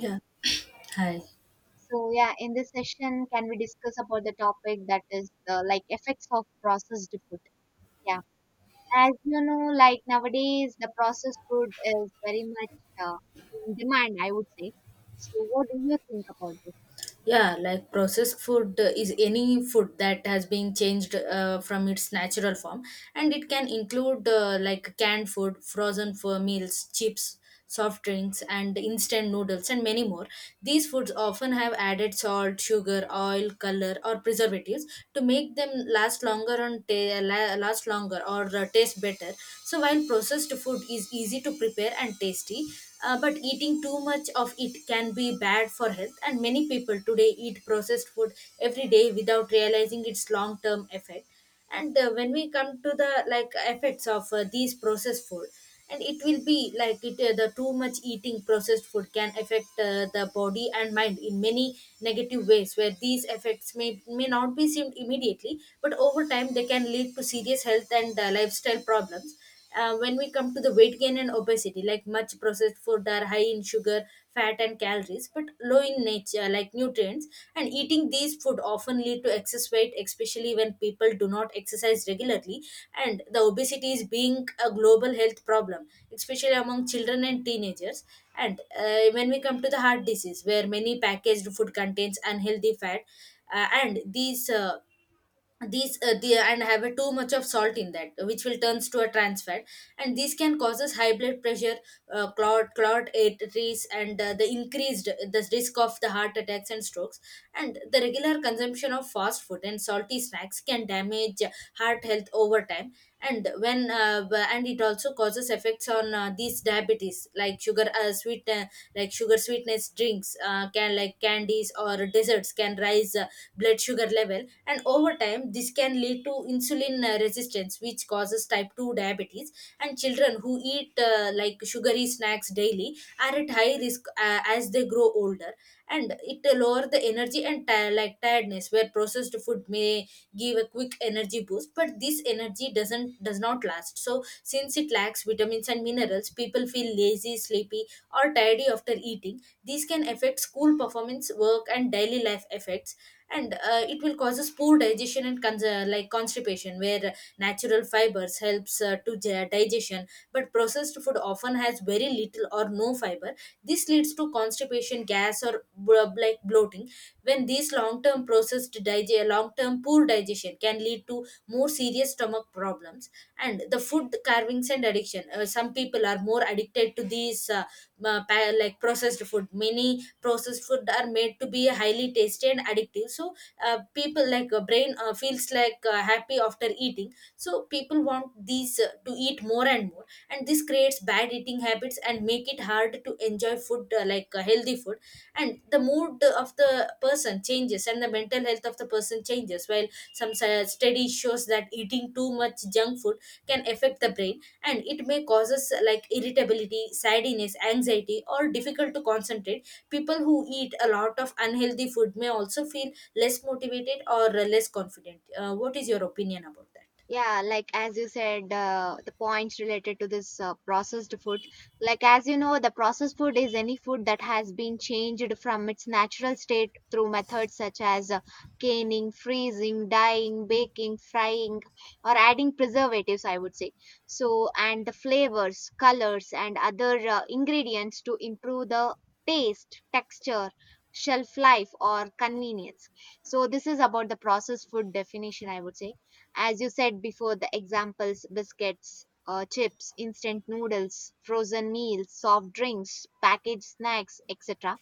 Right. Hi. So yeah, in this session, can we discuss about the topic that is the like effects of processed food? Yeah, as you know, like nowadays the processed food is very much uh, in demand, I would say. So what do you think about this? Yeah, like processed food is any food that has been changed from its natural form, and it can include like canned food, frozen for meals, chips, soft drinks, and instant noodles, and many more. These foods often have added salt, sugar, oil, color, or preservatives to make them last longer and last longer or taste better. So while processed food is easy to prepare and tasty, but eating too much of it can be bad for health, and many people today eat processed food every day without realizing its long term effect. And When we come to the like effects of these processed food, and it will be like it the too much eating processed food can affect the body and mind in many negative ways, where these effects may not be seen immediately, but over time they can lead to serious health and lifestyle problems. Uh, when we come to the weight gain and obesity, like much processed food are high in sugar, fat and calories but low in nature like nutrients, and eating these food often lead to excess weight, especially when people do not exercise regularly. And the obesity is being a global health problem, especially among children and teenagers. And when we come to the heart disease, where many packaged food contains unhealthy fat, and these the, and have a too much of salt in that, which will turns to a trans fat, and this can causes high blood pressure, clot arteries, and the increased the risk of the heart attacks and strokes. And the regular consumption of fast food and salty snacks can damage heart health over time. And when and it also causes effects on these diabetes, like sugar sweet like sugar sweetness drinks can, like candies or desserts, can rise blood sugar level, and over time this can lead to insulin resistance, which causes type 2 diabetes. And children who eat like sugary snacks daily are at high risk as they grow older. And it lower the energy and like tiredness, where processed food may give a quick energy boost, but this energy does not last, so since it lacks vitamins and minerals, people feel lazy, sleepy or tidy after eating. These can affect school performance, work and daily life effects. And it will causes poor digestion and like constipation, where natural fibers helps digestion, but processed food often has very little or no fiber. This leads to constipation, gas or like bloating. When these long term poor digestion can lead to more serious stomach problems. And the food carvings and addiction, some people are more addicted to like processed food. Many processed food are made to be highly tasty and addictive, so people like brain feels like happy after eating, so people want these to eat more and more, and this creates bad eating habits and make it hard to enjoy food healthy food. And the mood of the person changes, and the mental health of the person changes, while some studies shows that eating too much junk food can affect the brain, and it may causes like irritability, sadness, anxiety or difficult to concentrate. People who eat a lot of unhealthy food may also feel less motivated or less confident. What is your opinion about that? Yeah, like as you said, the points related to this processed food. Like as you know, the processed food is any food that has been changed from its natural state through methods such as canning, freezing, dyeing, baking, frying, or adding preservatives, I would say. So, and the flavors, colors, and other ingredients to improve the taste, texture, shelf life, or convenience. So, this is about the processed food definition, I would say. As you said before, the examples: biscuits, chips, instant noodles, frozen meals, soft drinks, packaged snacks, etc.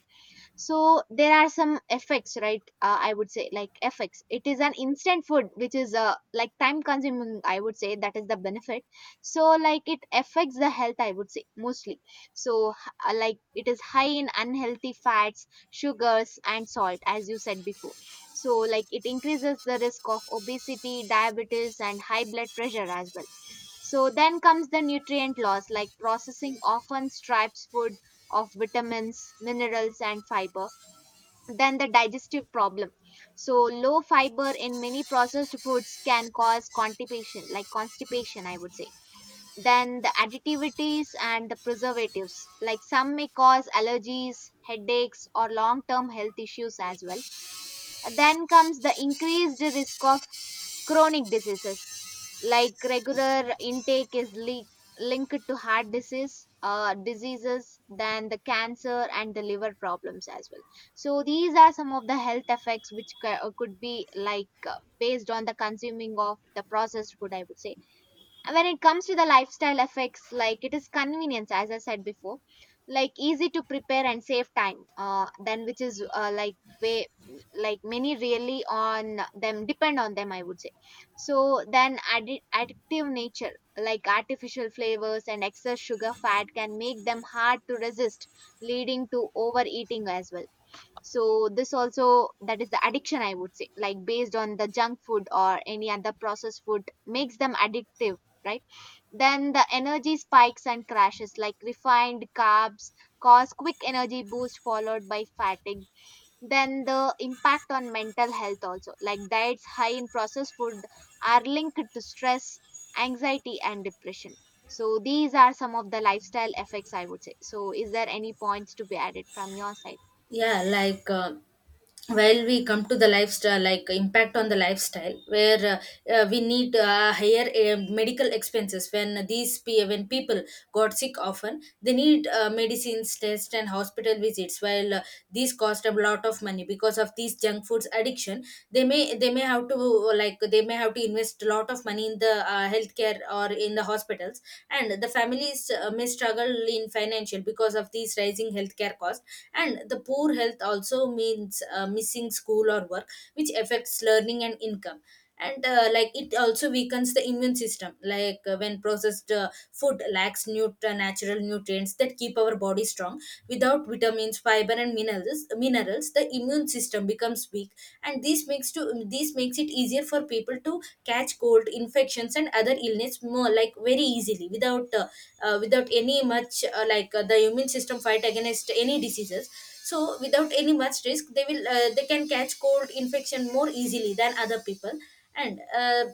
So there are some effects, right? I would say, like, effects: it is an instant food which is like time consuming, I would say, that is the benefit. So like it affects the health, I would say, mostly. So like it is high in unhealthy fats, sugars, and salt, as you said before. So like it increases the risk of obesity, diabetes, and high blood pressure as well. So then comes the nutrient loss, like processing often strips food of vitamins, minerals, and fiber. Then the digestive problem. So low fiber in many processed foods can cause constipation, like constipation, I would say. Then the additivities and the preservatives, like some may cause allergies, headaches, or long-term health issues as well. Then comes the increased risk of chronic diseases, like regular intake is linked to heart disease, diseases, than the cancer and the liver problems as well. So these are some of the health effects which could be like, based on the consuming of the processed food, I would say. When it comes to the lifestyle effects, like it is convenience, as I said before, like easy to prepare and save time, then which is like way, like many really on them, depend on them, I would say. So then addictive nature, like artificial flavors and excess sugar, fat can make them hard to resist, leading to overeating as well. So this also, that is the addiction, I would say, like based on the junk food or any other processed food makes them addictive, right? Then the energy spikes and crashes, like refined carbs cause quick energy boost followed by fatigue. Then the impact on mental health also, like diets high in processed food are linked to stress, anxiety, and depression. So these are some of the lifestyle effects, I would say. So is there any points to be added from your side? Yeah, like while we come to the lifestyle, like impact on the lifestyle, where we need higher medical expenses. When when people got sick often, they need medicines, tests and hospital visits, while these cost a lot of money. Because of these junk foods addiction, they may have to they may have to invest a lot of money in the healthcare or in the hospitals. And the families may struggle in financial because of these rising healthcare costs. And the poor health also means missing school or work, which affects learning and income. And like it also weakens the immune system, like when processed food lacks natural nutrients that keep our body strong. Without vitamins, fiber and minerals, the immune system becomes weak, and this makes it easier for people to catch cold infections and other illness more like very easily, without without any much the immune system fight against any diseases. So without any much risk, they will they can catch cold infection more easily than other people. And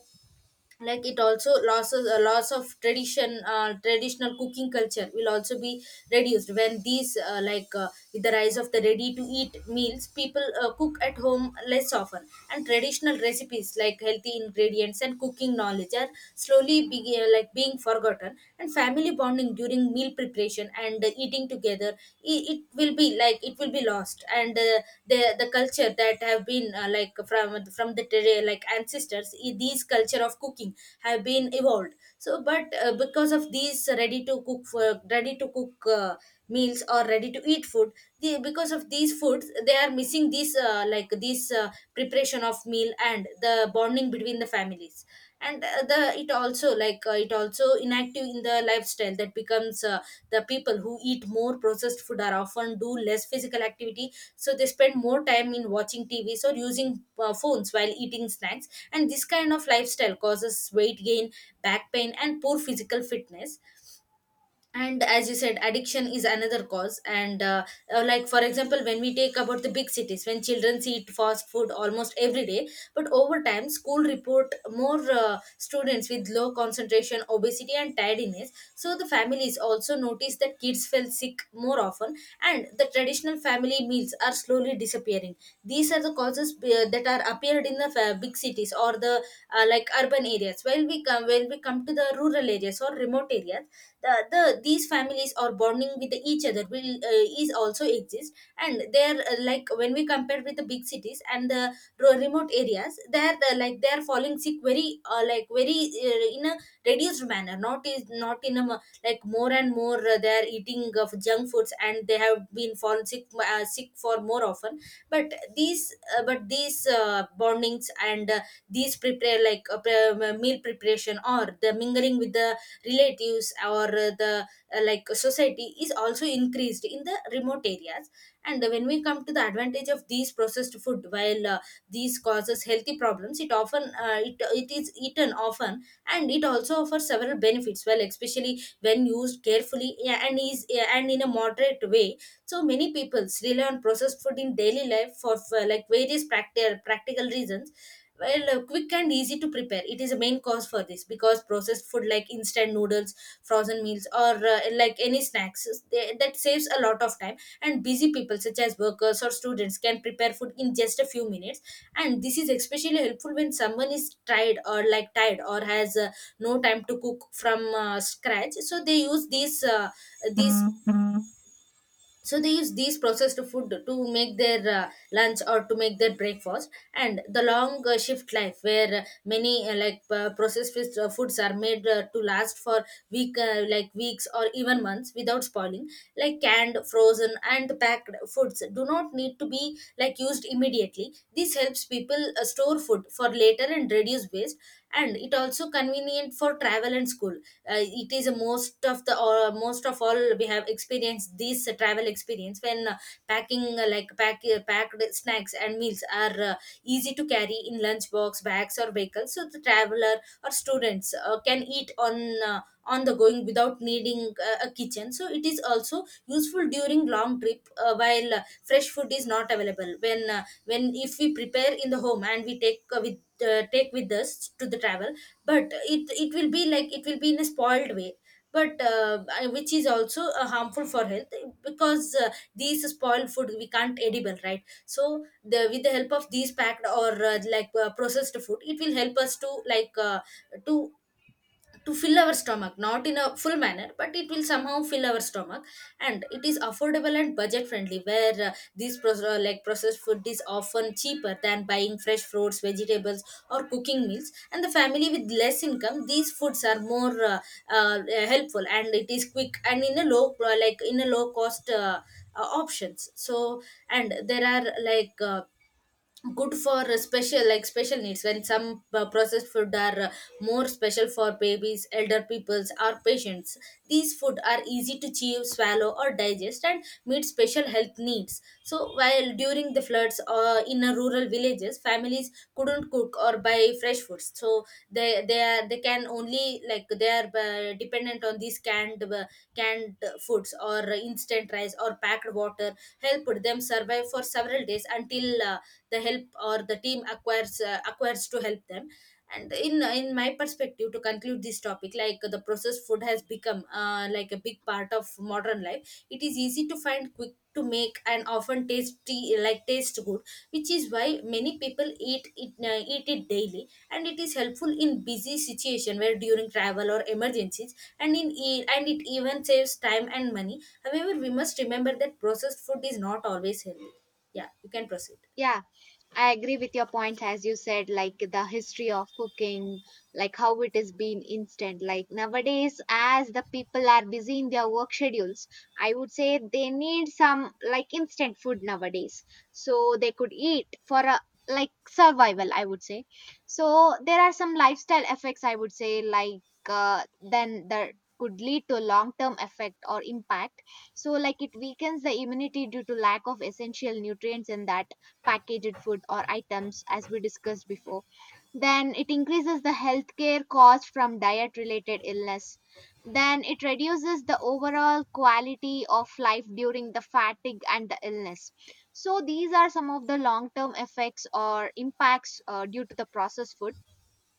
like it also losses a loss of tradition, traditional cooking culture will also be reduced when these like with the rise of the ready to eat meals, people cook at home less often, and traditional recipes like healthy ingredients and cooking knowledge are slowly being forgotten, and family bonding during meal preparation and eating together, it will be like it will be lost. And the culture that have been from the like ancestors, these culture of cooking have been evolved, so but because of these ready to cook meals or ready to eat food, because of these foods they are missing this preparation of meal and the bonding between the families. And the it also like it also inactive in the lifestyle that becomes the people who eat more processed food are often do less physical activity, so they spend more time in watching tvs or using phones while eating snacks, and this kind of lifestyle causes weight gain, back pain and poor physical fitness. And as you said, addiction is another cause. And like for example, when we take about the big cities, when children eat fast food almost every day, but over time school report more students with low concentration, obesity and tiredness, so the families also notice that kids fell sick more often, and the traditional family meals are slowly disappearing. These are the causes that are appeared in the big cities or the like urban areas. While we come When we come to the rural areas or remote areas, these families are bonding with each other will is also exist. And they're like when we compare with the big cities and the remote areas, like they're falling sick very very in a reduced manner, not in a like more and more they're eating of junk foods and they have been fallen sick sick for more often. But these bondings and these meal preparation, or the mingling with the relatives or the like society, is also increased in the remote areas. And when we come to the advantage of these processed food, while these causes healthy problems it often it is eaten often, and it also offers several benefits well, especially when used carefully, yeah, and in a moderate way. So many people rely on processed food in daily life for like various practical reasons. Well, quick and easy to prepare, it is a main cause for this, because processed food like instant noodles, frozen meals, or any snacks, that saves a lot of time, and busy people such as workers or students can prepare food in just a few minutes. And this is especially helpful when someone is tired, or like tired, or has no time to cook from scratch, so they use these so they use these processed food to make their lunch or to make their breakfast. And the long shift life, where many like processed foods are made to last for weeks or even months without spoiling, like canned, frozen and packed foods do not need to be like used immediately. This helps people store food for later and reduce waste. And it also convenient for travel and school. uh, it is a most of the, or most of all, we have experienced this travel experience when packing packed snacks and meals are easy to carry in lunchbox, bags or vehicles, so the traveler or students can eat on the going without needing a kitchen. So it is also useful during long trip while fresh food is not available when if we prepare in the home and we take with take with us to the travel, but it will be in a spoiled way, but which is also harmful for health, because these spoiled food we can't edible, right? So the with the help of these packed or processed food it will help us to to to fill our stomach not in a full manner, but it will somehow fill our stomach. And it is affordable and budget friendly, where this processed food is often cheaper than buying fresh fruits, vegetables or cooking meals. And the family with less income, these foods are more uh, helpful, and it is quick and in a low in a low cost options. So and there are like uh, good for special, like special needs, when some processed food are more special for babies, elder peoples or patients. These food are easy to chew, swallow or digest, and meet special health needs. So while during the floods or in a rural villages, families couldn't cook or buy fresh foods, so they can only like they are dependent on these canned foods or instant rice or packed water, helped them survive for several days until uh, the help or the team acquires to help them. And in my perspective, to conclude this topic, like the processed food has become like a big part of modern life. It is easy to find, quick to make, and often tasty, like taste good, which is why many people eat it daily, and it is helpful in busy situation, where during travel or emergencies, and and it even saves time and money. However, we must remember that processed food is not always healthy. Yeah, you can proceed. Yeah. I agree with your points, as you said, like the history of cooking, like how it has been instant. Like nowadays, as the people are busy in their work schedules, I would say they need some like instant food nowadays, so they could eat for a like survival, I would say. So there are some lifestyle effects, I would say, like, then that could lead to long term effect or impact. So like it weakens the immunity due to lack of essential nutrients in that packaged food or items, as we discussed before. Then it increases the healthcare cost from diet related illness. Then it reduces the overall quality of life during the fatigue and the illness. So, these are some of the long term effects or impacts due to the processed food.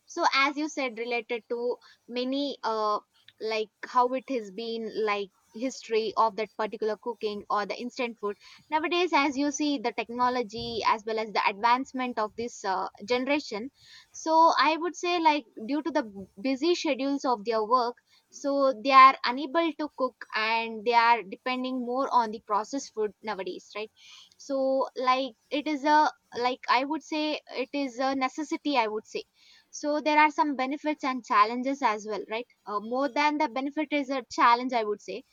So as you said, related to many, uh, like how it has been, like history of that particular cooking or the instant food nowadays, as you see the technology as well as the advancement of this generation. So I would say, like due to the busy schedules of their work, so they are unable to cook and they are depending more on the processed food nowadays, right? So like it is a, like I would say it is a necessity, I would say. So there are some benefits and challenges as well, right? More than the benefit is a challenge, I would say.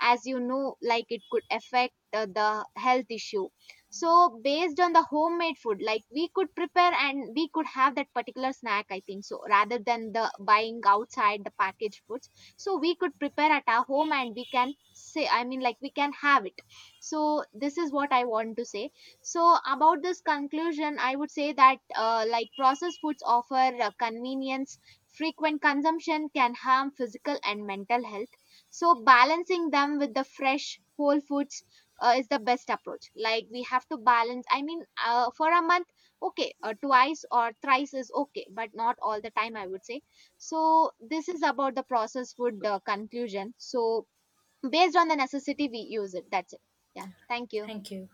As you know, like it could affect the health issue. So based on the homemade food, like we could prepare and we could have that particular snack, I think so, rather than the buying outside the packaged foods. So we could prepare at our home and we can say, I mean, like we can have it. So this is what I want to say. So about this conclusion, I would say that, like processed foods offer convenience, frequent consumption can harm physical and mental health. So balancing them with the fresh whole foods is the best approach, like we have to balance, I mean, for a month, okay, twice or thrice is okay but not all the time, I would say. So this is about the processed food conclusion. So based on the necessity we use it, that's it. Yeah. Thank you. Thank you.